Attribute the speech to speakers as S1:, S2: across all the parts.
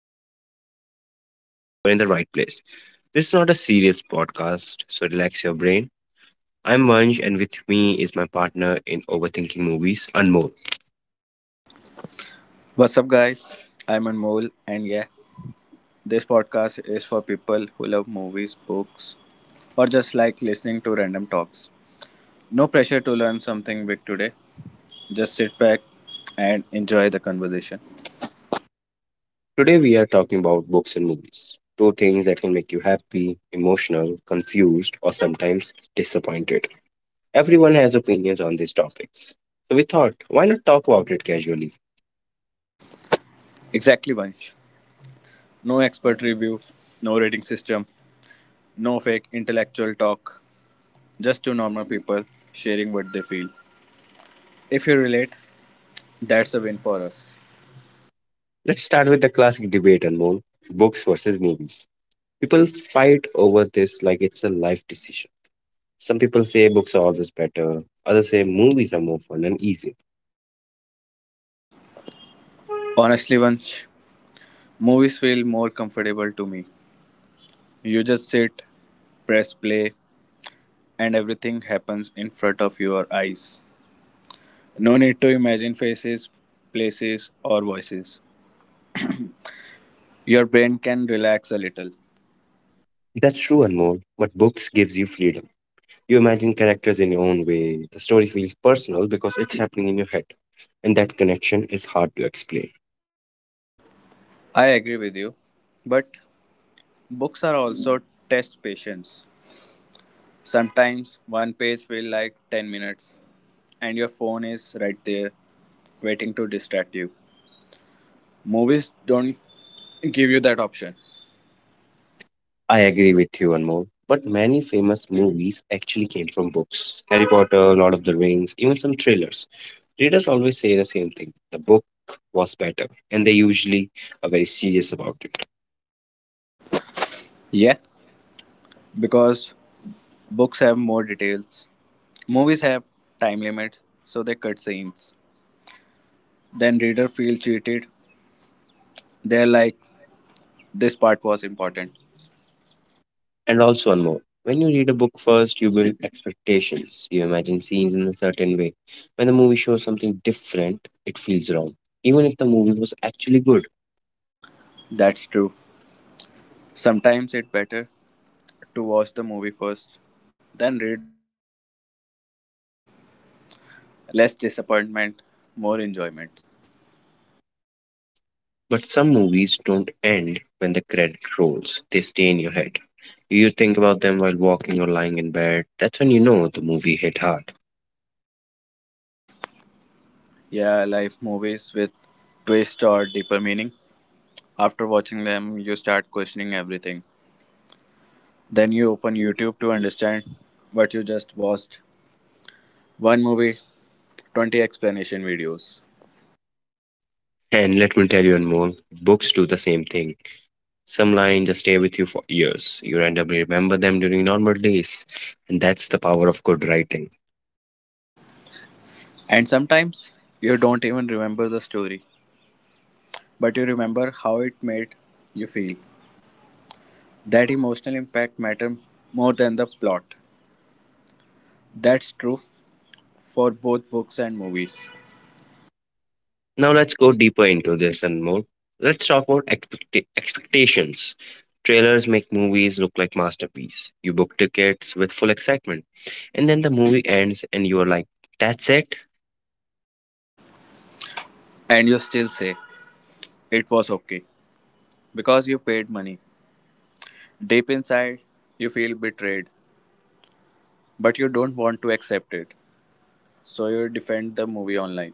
S1: studying, or just wasting time, you're in the right place. This is not a serious podcast, so relax your brain. I'm Vansh, and with me is my partner in overthinking movies, Anmol.
S2: What's up, guys? I'm Anmol, and yeah, this podcast is for people who love movies, books, or just like listening to random talks. No pressure to learn something big today. Just sit back and enjoy the conversation.
S1: Today we are talking about books and movies, two things that can make you happy, emotional, confused, or sometimes disappointed. Everyone has opinions on these topics, so we thought, why not talk about it casually?
S2: Exactly, Vansh. No expert review, no rating system, no fake intellectual talk. Just two normal people sharing what they feel. If you relate, that's a win for us.
S1: Let's start with the classic debate, Anmol, books versus movies. People fight over this like it's a life decision. Some people say books are always better, others say movies are more fun and easier.
S2: Honestly, Vansh, movies feel more comfortable to me. You just sit, press play, and everything happens in front of your eyes. No need to imagine faces, places, or voices. Your brain can relax a little.
S1: That's true, Anmol, but books gives you freedom. You imagine characters in your own way. The story feels personal because it's happening in your head, and that connection is hard to explain.
S2: I agree with you, but books are also test patience. Sometimes one page feels like 10 minutes, and your phone is right there waiting to distract you. Movies don't give you that option.
S1: I agree with you, Anmol, but many famous movies actually came from books. Harry Potter, Lord of the Rings, even some thrillers. Readers always say the same thing, the book was better, and they usually are very serious about it.
S2: Yeah, because books have more details. Movies have time limits, so they cut scenes. Then reader feels cheated. They're like, this part was important.
S1: And also, one more, when you read a book first, you build expectations, you imagine scenes in a certain way. When the movie shows something different, it feels wrong, even if the movie was actually good.
S2: That's true. Sometimes it's better to watch the movie first, then read the book without expectations. Less disappointment, more enjoyment.
S1: But some movies don't end when the credit rolls, they stay in your head. You think about them while walking or lying in bed. That's when you know the movie hit hard.
S2: Yeah, I like movies with twist or deeper meaning. After watching them, you start questioning everything. Then you open YouTube to understand what you just watched. One movie, 20 explanation videos.
S1: And let me tell you one more, books do the same thing. Some lines just stay with you for years. You randomly remember them during normal days. And that's the power of good writing.
S2: And sometimes you don't even remember the story, but you remember how it made you feel. That emotional impact mattered more than the plot. That's true for both books and movies.
S1: Now let's go deeper into this and more. Let's talk about expectations. Trailers make movies look like masterpiece. You book tickets with full excitement. And then the movie ends and you are like, that's it?
S2: And you still say it was okay because you paid money. Deep inside, you feel betrayed, but you don't want to accept it. So you defend the movie online.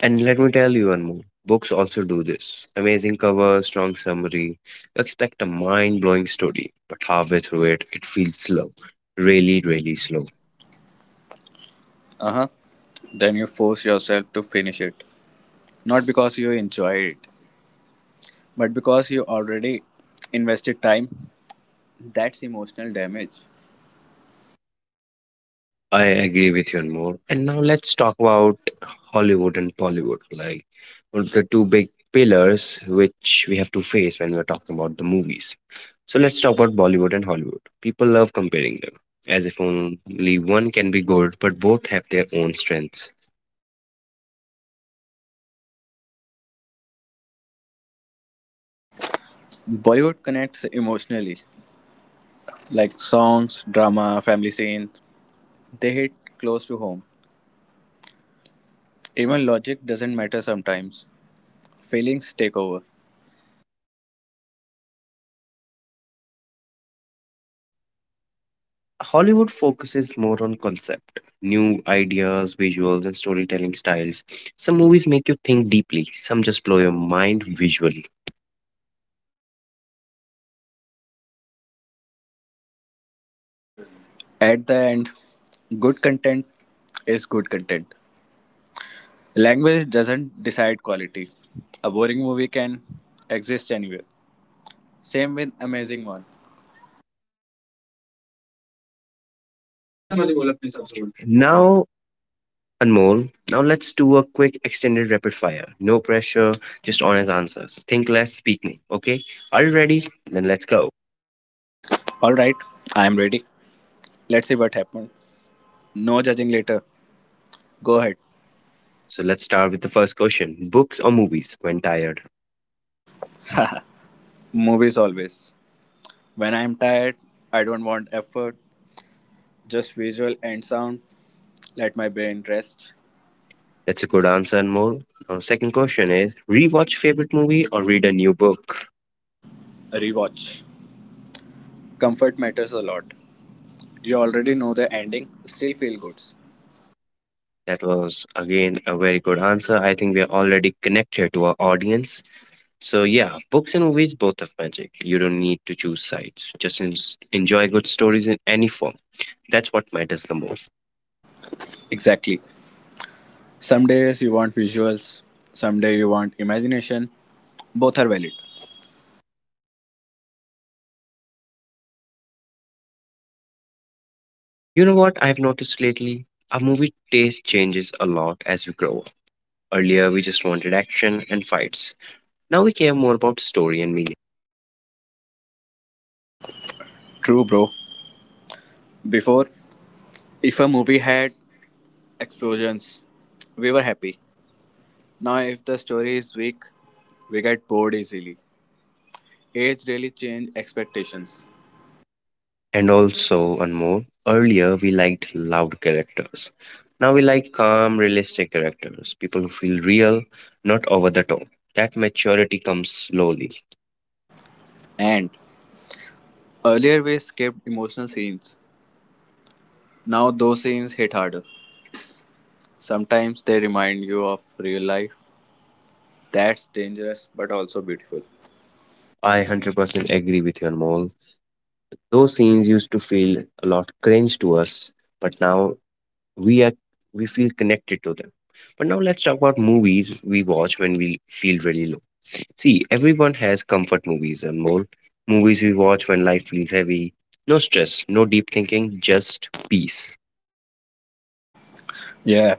S1: And let me tell you one more. Books also do this. Amazing cover, strong summary. You expect a mind blowing story, but halfway through it, it feels slow. Really, really slow.
S2: Uh huh. Then you force yourself to finish it. Not because you enjoy it, but because you already invested time. That's emotional damage.
S1: I agree with you and more. And now let's talk about Hollywood and Bollywood, like one of the two big pillars which we have to face when we're talking about the movies. So let's talk about Bollywood and Hollywood. People love comparing them, as if only one can be good, but both have their own strengths.
S2: Bollywood connects emotionally, like songs, drama, family scenes. They hit close to home. Even logic doesn't matter sometimes. Feelings take over.
S1: Hollywood focuses more on concept, new ideas, visuals, and storytelling styles. Some movies make you think deeply, some just blow your mind visually.
S2: At the end, good content is good content. Language doesn't decide quality. A boring movie can exist anywhere. Same with amazing one.
S1: Now Anmol. Now let's do a quick extended rapid fire. No pressure, just honest answers. Think less, speak more. Okay? Are you ready? Then let's go.
S2: All right, I am ready. Let's see what happens. No judging later. Go ahead.
S1: So let's start with the first question. Books or movies when tired?
S2: Movies always. When I am tired, I don't want effort, just visual and sound. Let my brain rest.
S1: That's a good answer, Anmol. Now second question is, rewatch favorite movie or read a new book?
S2: Rewatch. Comfort matters a lot. You already know the ending, still feel good.
S1: That was again a very good answer. I think we are already connected to our audience. So yeah, books and movies both have magic. You don't need to choose sides. Just enjoy good stories in any form. That's what matters the most.
S2: Exactly. Some days you want visuals, some day you want imagination. Both are valid.
S1: You know what I've noticed lately? Our movie taste changes a lot as we grow up. Earlier, we just wanted action and fights. Now we care more about story and meaning.
S2: True, bro. Before, if a movie had explosions, we were happy. Now, if the story is weak, we get bored easily. Age really changed expectations.
S1: And also, one more, earlier we liked loud characters. Now we like calm, realistic characters, people who feel real, not over the top. That maturity comes slowly.
S2: And earlier, we skipped emotional scenes. Now, those scenes hit harder. Sometimes they remind you of real life. That's dangerous but also beautiful.
S1: I 100% agree with you, Anmol. Those scenes used to feel a lot cringe to us, but now we are we feel connected to them. But now let's talk about movies we watch when we feel really low. See, everyone has comfort movies and more, movies we watch when life feels heavy. No stress, no deep thinking, just peace.
S2: Yeah,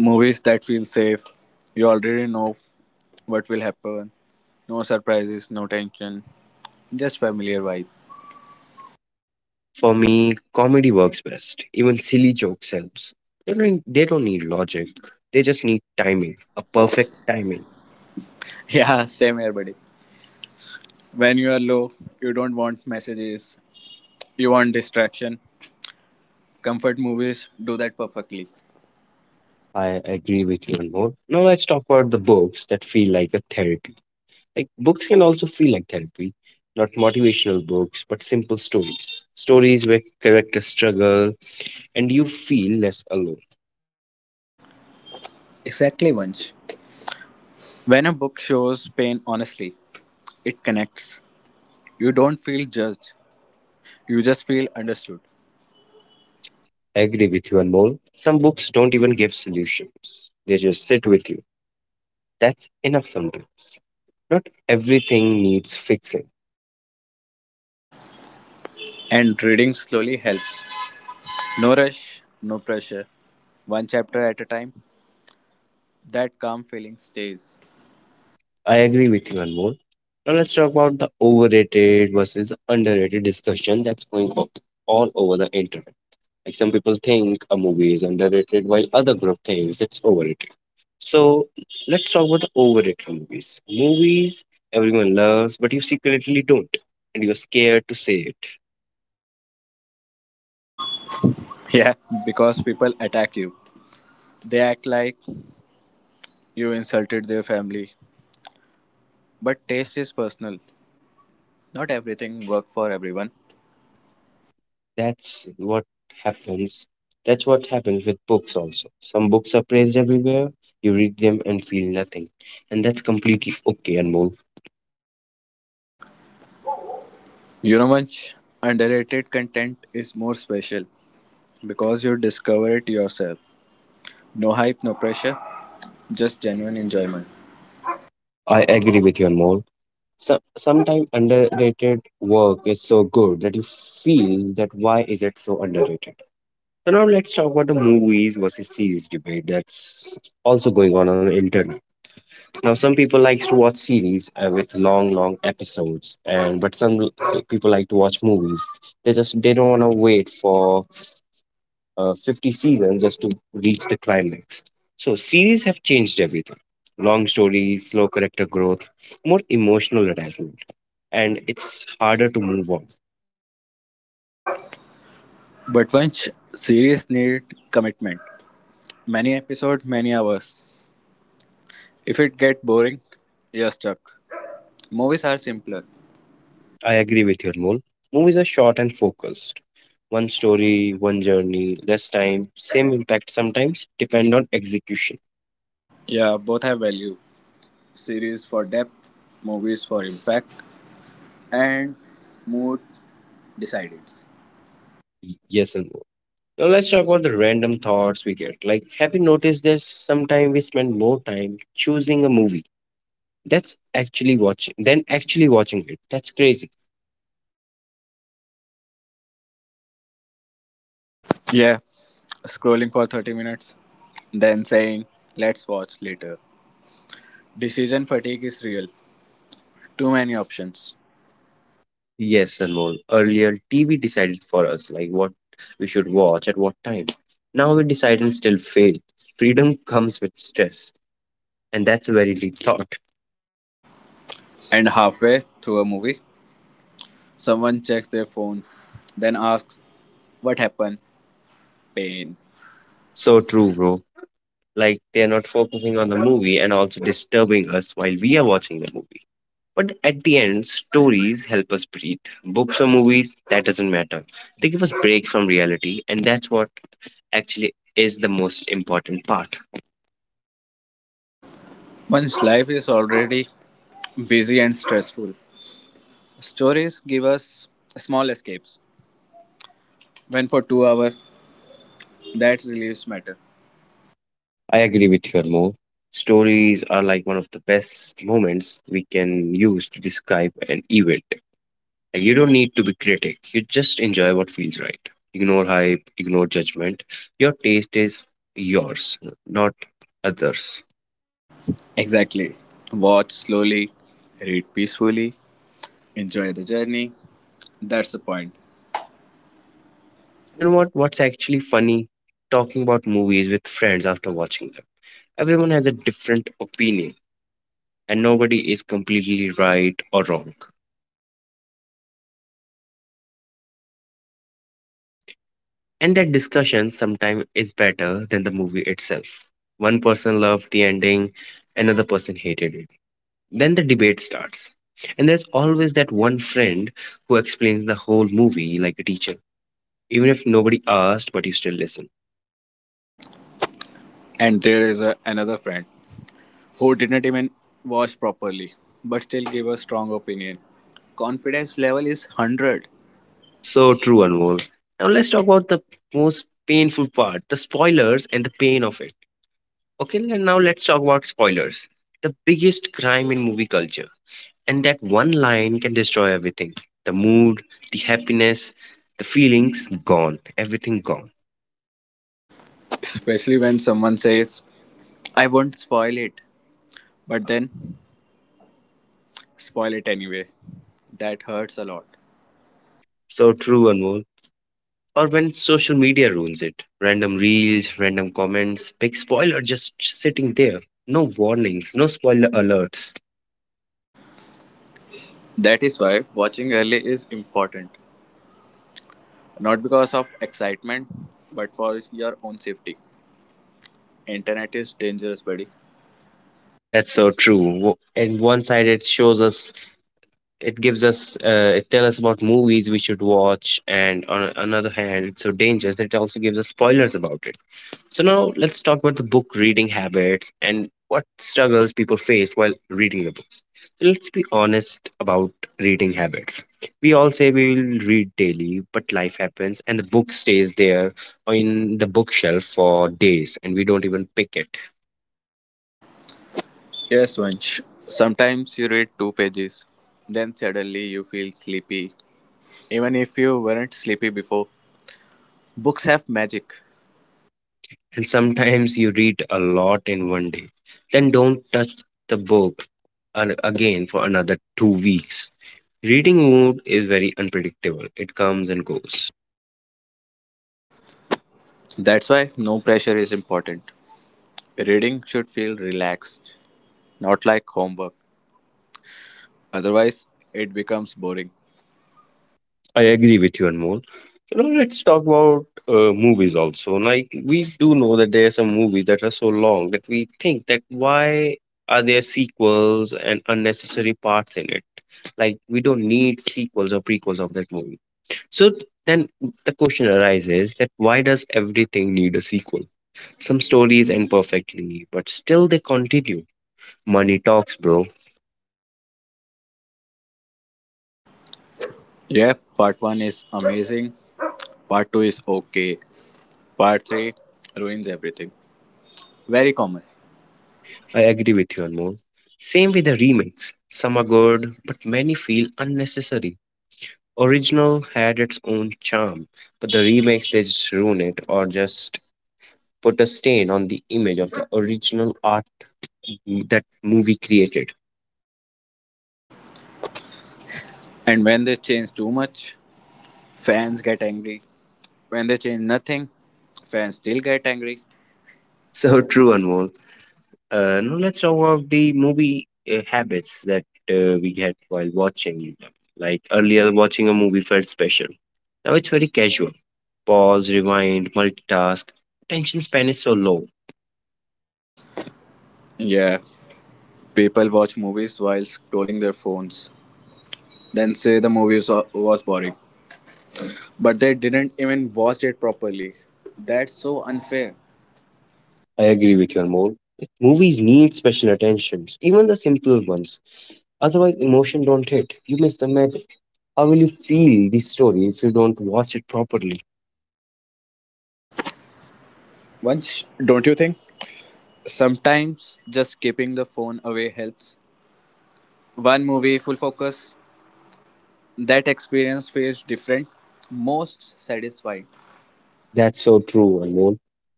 S2: movies that feel safe. You already know what will happen. No surprises, no tension, just familiar vibe.
S1: For me comedy works best, even silly jokes helps. They don't need logic, they just need timing, a perfect timing.
S2: Yeah, same here, buddy. When you are low, you don't want messages, you want distraction. Comfort movies do that perfectly.
S1: I agree with you and more. Now let's talk about the books that feel like a therapy. Like, books can also feel like therapy, not motivational books, but simple stories. Stories where characters struggle and you feel less alone.
S2: Exactly, Vansh. When a book shows pain honestly, it connects. You don't feel judged, you just feel understood.
S1: I agree with you, Anmol. Some books don't even give solutions, they just sit with you. That's enough sometimes. Not everything needs fixing.
S2: And reading slowly helps. No rush, no pressure. One chapter at a time, that calm feeling stays.
S1: I agree with you, Anmol. Now let's talk about the overrated versus underrated discussion that's going on all over the internet. Like some people think a movie is underrated while other group thinks it's overrated. So let's talk about the overrated movies. Movies everyone loves, but you secretly don't, and you're scared to say it.
S2: Yeah, because people attack you. They act like you insulted their family. But taste is personal. Not everything work for everyone.
S1: That's what happens. That's what happens with books also. Some books are praised everywhere. You read them and feel nothing, and that's completely okay, Anmol.
S2: You know much underrated content is more special because you discover it yourself. No hype, no pressure, just genuine enjoyment.
S1: I agree with you, Anmol. So, sometimes underrated work is so good that you feel that why is it so underrated? So now let's talk about the movies versus series debate that's also going on the internet. Now some people likes to watch series with long, long episodes, and but people like to watch movies. They don't want to wait for 50 seasons just to reach the climax. So series have changed everything: long stories, slow character growth, more emotional attachment, and it's harder to move on.
S2: But once series need commitment. Many episodes, many hours. If it get boring, you're stuck. Movies are simpler.
S1: I agree with your mole. Movies are short and focused. One story, one journey, less time, same impact sometimes, depend on execution.
S2: Yeah, both have value. Series for depth, movies for impact. And mood decides.
S1: Yes and no. Now let's talk about the random thoughts we get. Like, have you noticed this? Sometimes we spend more time choosing a movie that's actually watching than actually watching it. That's crazy.
S2: Yeah, scrolling for 30 minutes, then saying, let's watch later. Decision fatigue is real. Too many options.
S1: Yes, Anmol. Earlier, TV decided for us like what we should watch at what time. Now we decide and still fail. Freedom comes with stress, and that's a very deep thought.
S2: And halfway through a movie, someone checks their phone, then asks, what happened? Pain.
S1: So true, bro. Like, they're not focusing on the movie and also disturbing us while we are watching the movie. But at the end, stories help us breathe. Books or movies, that doesn't matter. They give us breaks from reality, and that's what actually is the most important part.
S2: One's life is already busy and stressful. Stories give us small escapes. When for 2 hours, that relieves matter.
S1: I agree with you, more. Stories are like one of the best moments we can use to describe an event. You don't need to be critic. You just enjoy what feels right. Ignore hype, ignore judgment. Your taste is yours, not others.
S2: Exactly. Watch slowly, read peacefully, enjoy the journey. That's the point.
S1: And you know what? What's actually funny? Talking about movies with friends after watching them. Everyone has a different opinion, and nobody is completely right or wrong. And that discussion sometimes is better than the movie itself. One person loved the ending, another person hated it. Then the debate starts. And there's always that one friend who explains the whole movie like a teacher, even if nobody asked, but you still listen.
S2: And there is another friend who didn't even watch properly, but still gave a strong opinion. Confidence level is 100.
S1: So true, Anmol. Now let's talk about the most painful part, the spoilers and the pain of it. Okay, and now let's talk about spoilers. The biggest crime in movie culture. And that one line can destroy everything, the mood, the happiness, the feelings gone, everything gone.
S2: Especially when someone says, I won't spoil it, but then spoil it anyway. That hurts a lot.
S1: So true, Anmol. Or when social media ruins it. Random reels, random comments, big spoiler just sitting there. No warnings, no spoiler alerts.
S2: That is why watching early is important. Not because of excitement, but for your own safety. Internet is dangerous, buddy.
S1: That's so true. And one side it shows us, it gives us it tells us about movies we should watch, and on another hand it's so dangerous that it also gives us spoilers about it. So now let's talk about the book reading habits and what struggles people face while reading the books. So let's be honest about reading habits. We all say we will read daily but life happens and the book stays there in the bookshelf for days and we don't even pick it.
S2: Yes, Vansh. Sometimes you read two pages, then suddenly you feel sleepy. Even if you weren't sleepy before, books have magic.
S1: And sometimes you read a lot in one day, then don't touch the book again for another 2 weeks. Reading mood is very unpredictable, it comes and goes.
S2: That's why no pressure is important. Reading should feel relaxed, not like homework. Otherwise, it becomes boring.
S1: I agree with you, Anmol. So now let's talk about movies also. Like, we do know that there are some movies that are so long that we think that why are there sequels and unnecessary parts in it? Like, we don't need sequels or prequels of that movie. So then the question arises that why does everything need a sequel? Some stories end perfectly, but still they continue. Money talks, bro.
S2: Yeah, part 1 is amazing, part 2 is okay, part 3 ruins everything. Very common.
S1: I agree with you, Anmol. Same with the remakes. Some are good, but many feel unnecessary. Original had its own charm, but the remakes they just ruin it or just put a stain on the image of the original art that movie created.
S2: And when they change too much, fans get angry. When they change nothing, fans still get angry.
S1: So true, Anmol. Now let's talk about the movie habits that we get while watching them. Like earlier, watching a movie felt special. Now it's very casual. Pause, rewind, multitask. Attention span is so low.
S2: Yeah. People watch movies while scrolling their phones, then say the movie was boring, but they didn't even watch it properly. That's so unfair.
S1: I agree with your more. Movies need special attentions, even the simple ones. Otherwise, emotion don't hit. You miss the magic. How will you feel the story if you don't watch it properly?
S2: Once, don't you think? Sometimes just keeping the phone away helps. One movie full focus, that experience feels different, most satisfying.
S1: That's so true, Anmol.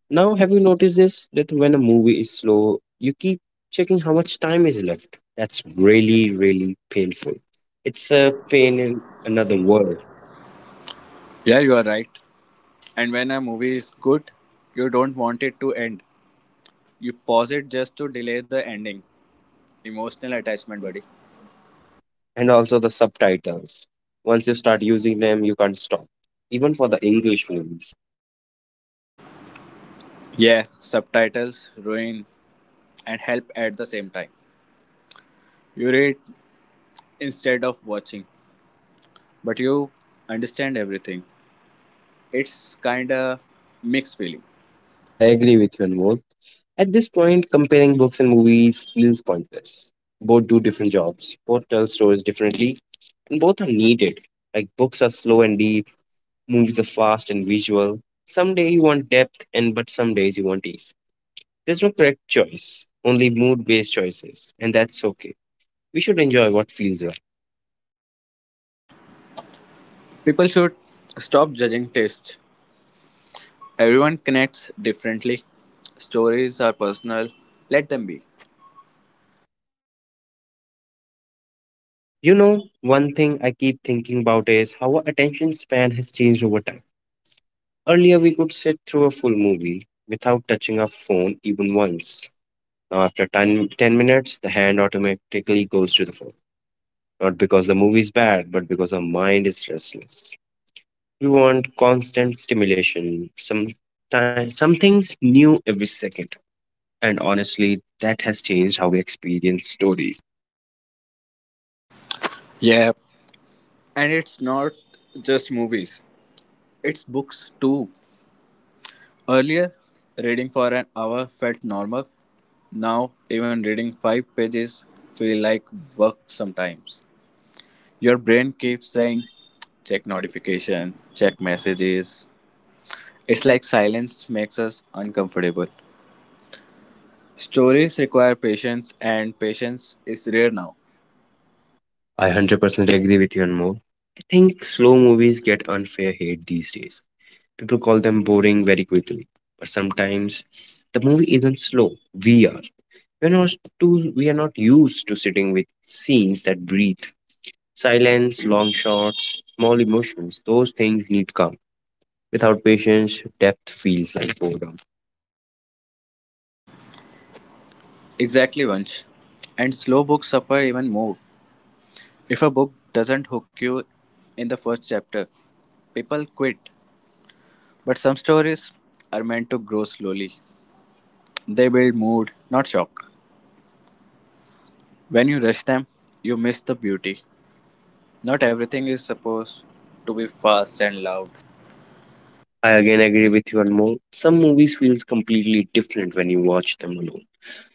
S1: Now, have you noticed this? That when a movie is slow, you keep checking how much time is left. That's really, really painful. It's a pain in another world.
S2: Yeah, you are right. And when a movie is good, you don't want it to end. You pause it just to delay the ending. Emotional attachment, buddy.
S1: And also the subtitles. Once you start using them, you can't stop. Even for the English movies.
S2: Yeah, subtitles ruin and help at the same time. You read instead of watching, but you understand everything. It's kind of mixed feeling.
S1: I agree with you, Anmol. At this point, comparing books and movies feels pointless. Both do different jobs, both tell stories differently, and both are needed. Like books are slow and deep. Movies are fast and visual. Someday you want depth, and but some days you want ease. There's no correct choice, only mood based choices, and that's okay. We should enjoy what feels right.
S2: People should stop judging taste. Everyone connects differently. Stories are personal. Let them be.
S1: One thing I keep thinking about is how our attention span has changed over time. Earlier, we could sit through a full movie without touching our phone even once. Now, after 10 minutes, the hand automatically goes to the phone. Not because the movie is bad, but because our mind is restless. We want constant stimulation, some time, something's new every second. And honestly, that has changed how we experience stories.
S2: Yeah, and it's not just movies, it's books too. Earlier, reading for an hour felt normal. Now, even reading five pages feel like work sometimes. Your
S1: I
S2: brain keeps saying, check notification, check messages. It's like silence makes us uncomfortable. Stories require patience, and patience is rare now.
S1: 100% agree with you, and more. I think slow movies get unfair hate these days. People call them boring very quickly, but sometimes the movie isn't slow. We are. We're not we are not used to sitting with scenes that breathe. Silence, long shots, small emotions, those things need calm. Without patience, depth feels like boredom.
S2: Exactly, once. And slow books suffer even more. If a book doesn't hook you in the first chapter, people quit. But some stories are meant to grow slowly. They build mood, not shock. When you rush them, you miss the beauty. Not everything is supposed to be fast and loud.
S1: I again agree with you on more. Some movies feels completely different when you watch them alone.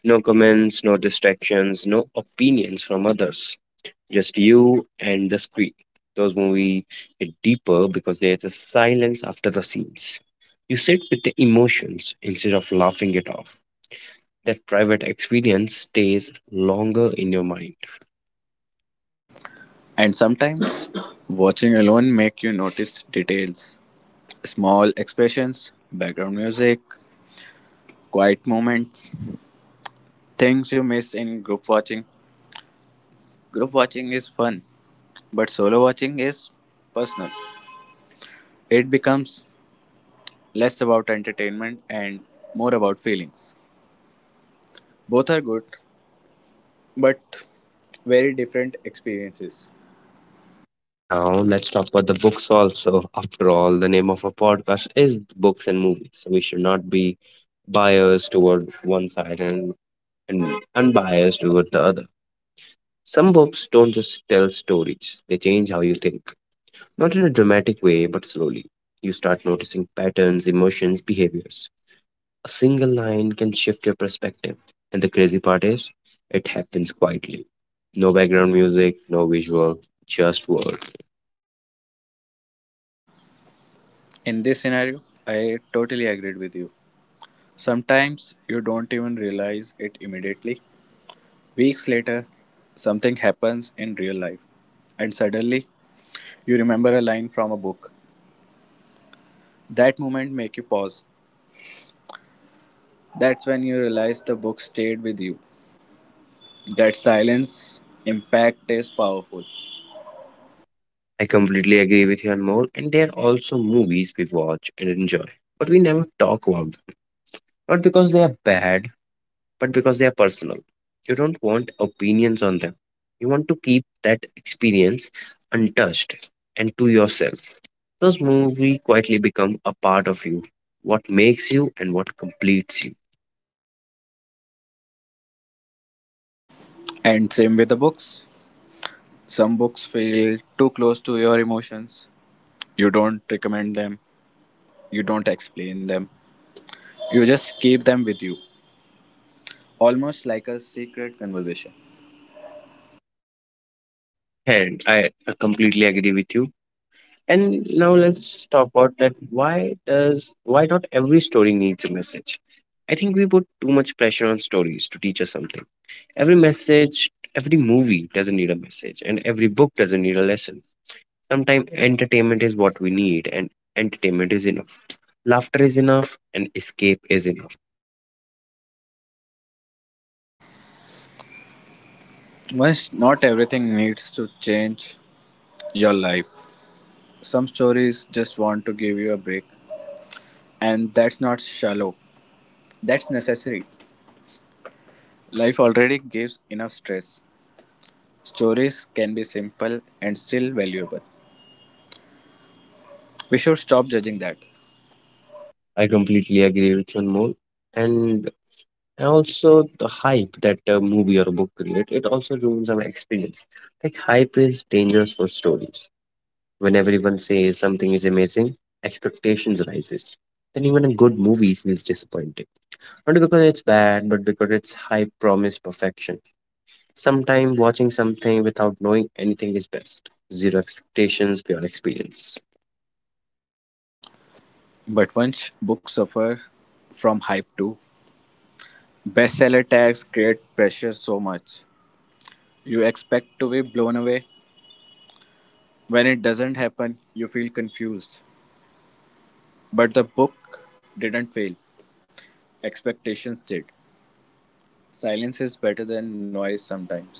S1: No comments, no distractions, no opinions from others. Just you and the screen. Those movies hit deeper because there's a silence after the scenes. You sit with the emotions instead of laughing it off. That private experience stays longer in your mind.
S2: And sometimes watching alone make you notice details, small expressions, background music, quiet moments, things you miss in group watching. Group watching is fun, but solo watching is personal. It becomes less about entertainment and more about feelings. Both are good, but very different experiences.
S1: Now, let's talk about the books also. After all, the name of our podcast is books and movies. So we should not be biased toward one side, and unbiased toward the other. Some books don't just tell stories, they change how you think. Not in a dramatic way, but slowly. You start noticing patterns, emotions, behaviors. A single line can shift your perspective. And the crazy part is, it happens quietly. No background music, no visual, just words.
S2: In this scenario, I totally agreed with you. Sometimes you don't even realize it immediately. Weeks later, something happens in real life, and suddenly you remember a line from a book. That moment make you pause. That's when you realize the book stayed with you. That silence impact is powerful.
S1: I completely agree with you, Anmol. And there are also movies we watch and enjoy, but we never talk about them. Not because they are bad, but because they are personal. You don't want opinions on them. You want to keep that experience untouched and to yourself. Those movies quietly become a part of you, what makes you and what completes you.
S2: And same with the books. Some books feel too close to your emotions. You don't recommend them. You don't explain them. You just keep them with you, almost like a secret conversation.
S1: And I completely agree with you. And now let's talk about that. Why not every story needs a message? I think we put too much pressure on stories to teach us something. Every message, every movie doesn't need a message, and every book doesn't need a lesson. Sometimes entertainment is what we need, and entertainment is enough. Laughter is enough, and escape is enough.
S2: Once not everything needs to change your life. Some stories just want to give you a break, and that's not shallow, that's necessary. Life already gives enough stress. Stories can be simple and still valuable. We should stop judging that.
S1: I completely agree with you, Anmol. And also the hype that a movie or a book create, it also ruins our experience. Like hype is dangerous for stories. When everyone says something is amazing, expectations rises. Then even a good movie feels disappointing. Not because it's bad, but because it's hype promised perfection. Sometimes watching something without knowing anything is best. Zero expectations, pure experience.
S2: But once books suffer from hype too, bestseller tags create pressure so much. You expect to be blown away. When it doesn't happen, you feel confused. But the book didn't fail, expectations did. Silence is better than noise sometimes.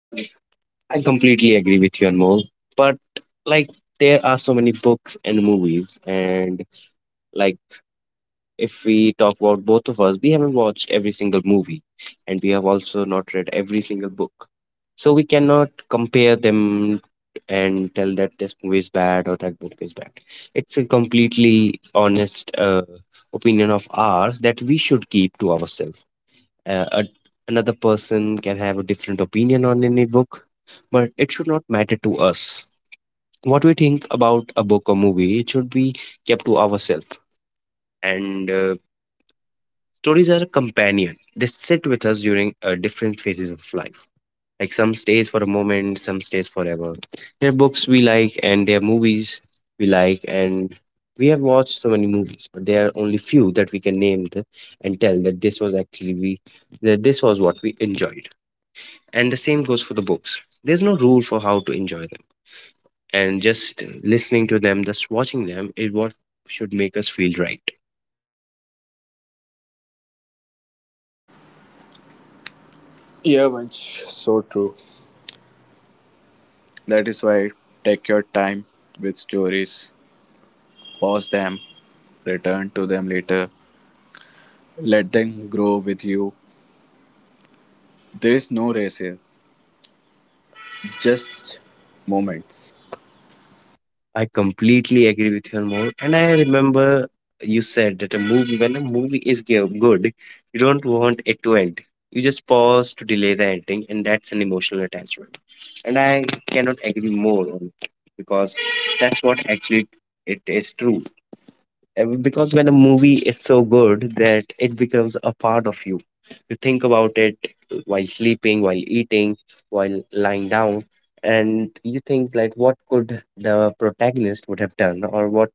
S1: Okay. I completely agree with you, Anmol. But like, there are so many books and movies, and like, if we talk about both of us, we haven't watched every single movie and we have also not read every single book. So we cannot compare them and tell that this movie is bad or that book is bad. It's a completely honest opinion of ours that we should keep to ourselves. Uh, a, Another person can have a different opinion on any book, but it should not matter to us. What we think about a book or movie, it should be kept to ourselves, and stories are a companion. They sit with us during different phases of life. Like some stays for a moment, some stays forever. There are books we like, and there are movies we like, and we have watched so many movies, but there are only few that we can name the, and tell that this was actually we that this was what we enjoyed. And the same goes for the books. There's no rule for how to enjoy them, and just listening to them, just watching them, is what should make us feel right.
S2: Yeah, Vansh, so true. That is why take your time with stories, pause them, return to them later, let them grow with you. There is no race here, just moments.
S1: I completely agree with you, more. And I remember you said that when a movie is good, you don't want it to end. You just pause to delay the ending, and that's an emotional attachment. And I cannot agree more on it because that's what actually it is true. Because when a movie is so good that it becomes a part of you, you think about it while sleeping, while eating, while lying down, and you think like what could the protagonist would have done, or what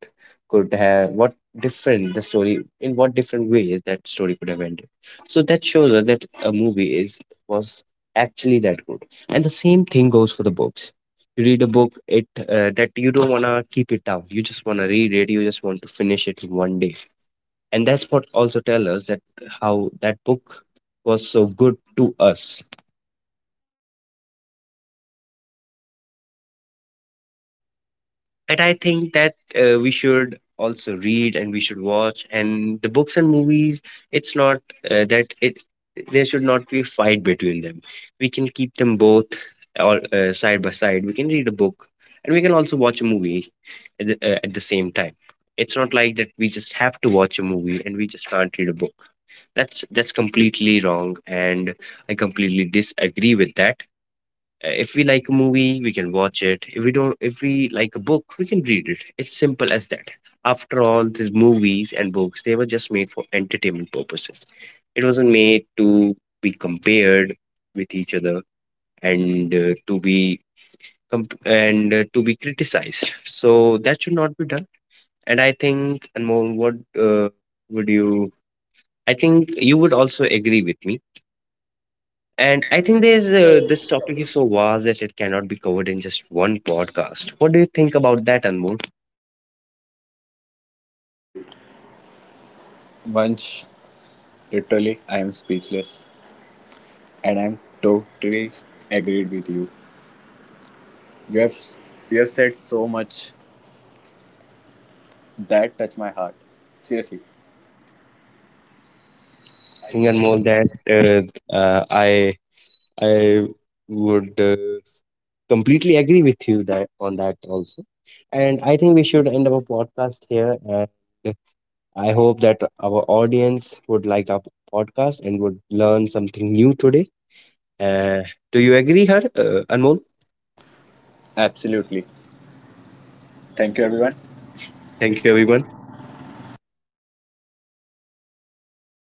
S1: could have what different the story in what different ways that story could have ended. So that shows us that a movie is was actually that good, and the same thing goes for the books. Read a book, it that you don't want to keep it down. You just want to read it, you just want to finish it in one day. And that's what also tell us that how that book was so good to us. And I think that we should also read and we should watch. And the books and movies, it's not that it there should not be a fight between them. We can keep them both all side by side. We can read a book and we can also watch a movie at the same time. It's not like that we just have to watch a movie and we just can't read a book. That's completely wrong, and I completely disagree with that. If we like a movie, we can watch it. If we like a book, we can read it. It's simple as that. After all, these movies and books, they were just made for entertainment purposes. It wasn't made to be compared with each other and to be comp- and to be criticized. So that should not be done. And I think, Anmol, what would you? I think you would also agree with me and I think there's this topic is so vast that it cannot be covered in just one podcast. What do you think about that, Anmol?
S2: Vansh, literally, I am speechless and I am totally agreed with you. You have, you have said so much that touched my heart. Seriously,
S1: I think Anmol that uh, uh, I I would completely agree with you that on that also. And I think we should end our podcast here. And I hope that our audience would like our podcast and would learn something new today. Uh, do you agree, her Anmol?
S2: absolutely. Thank you, everyone.
S1: Thank you, everyone.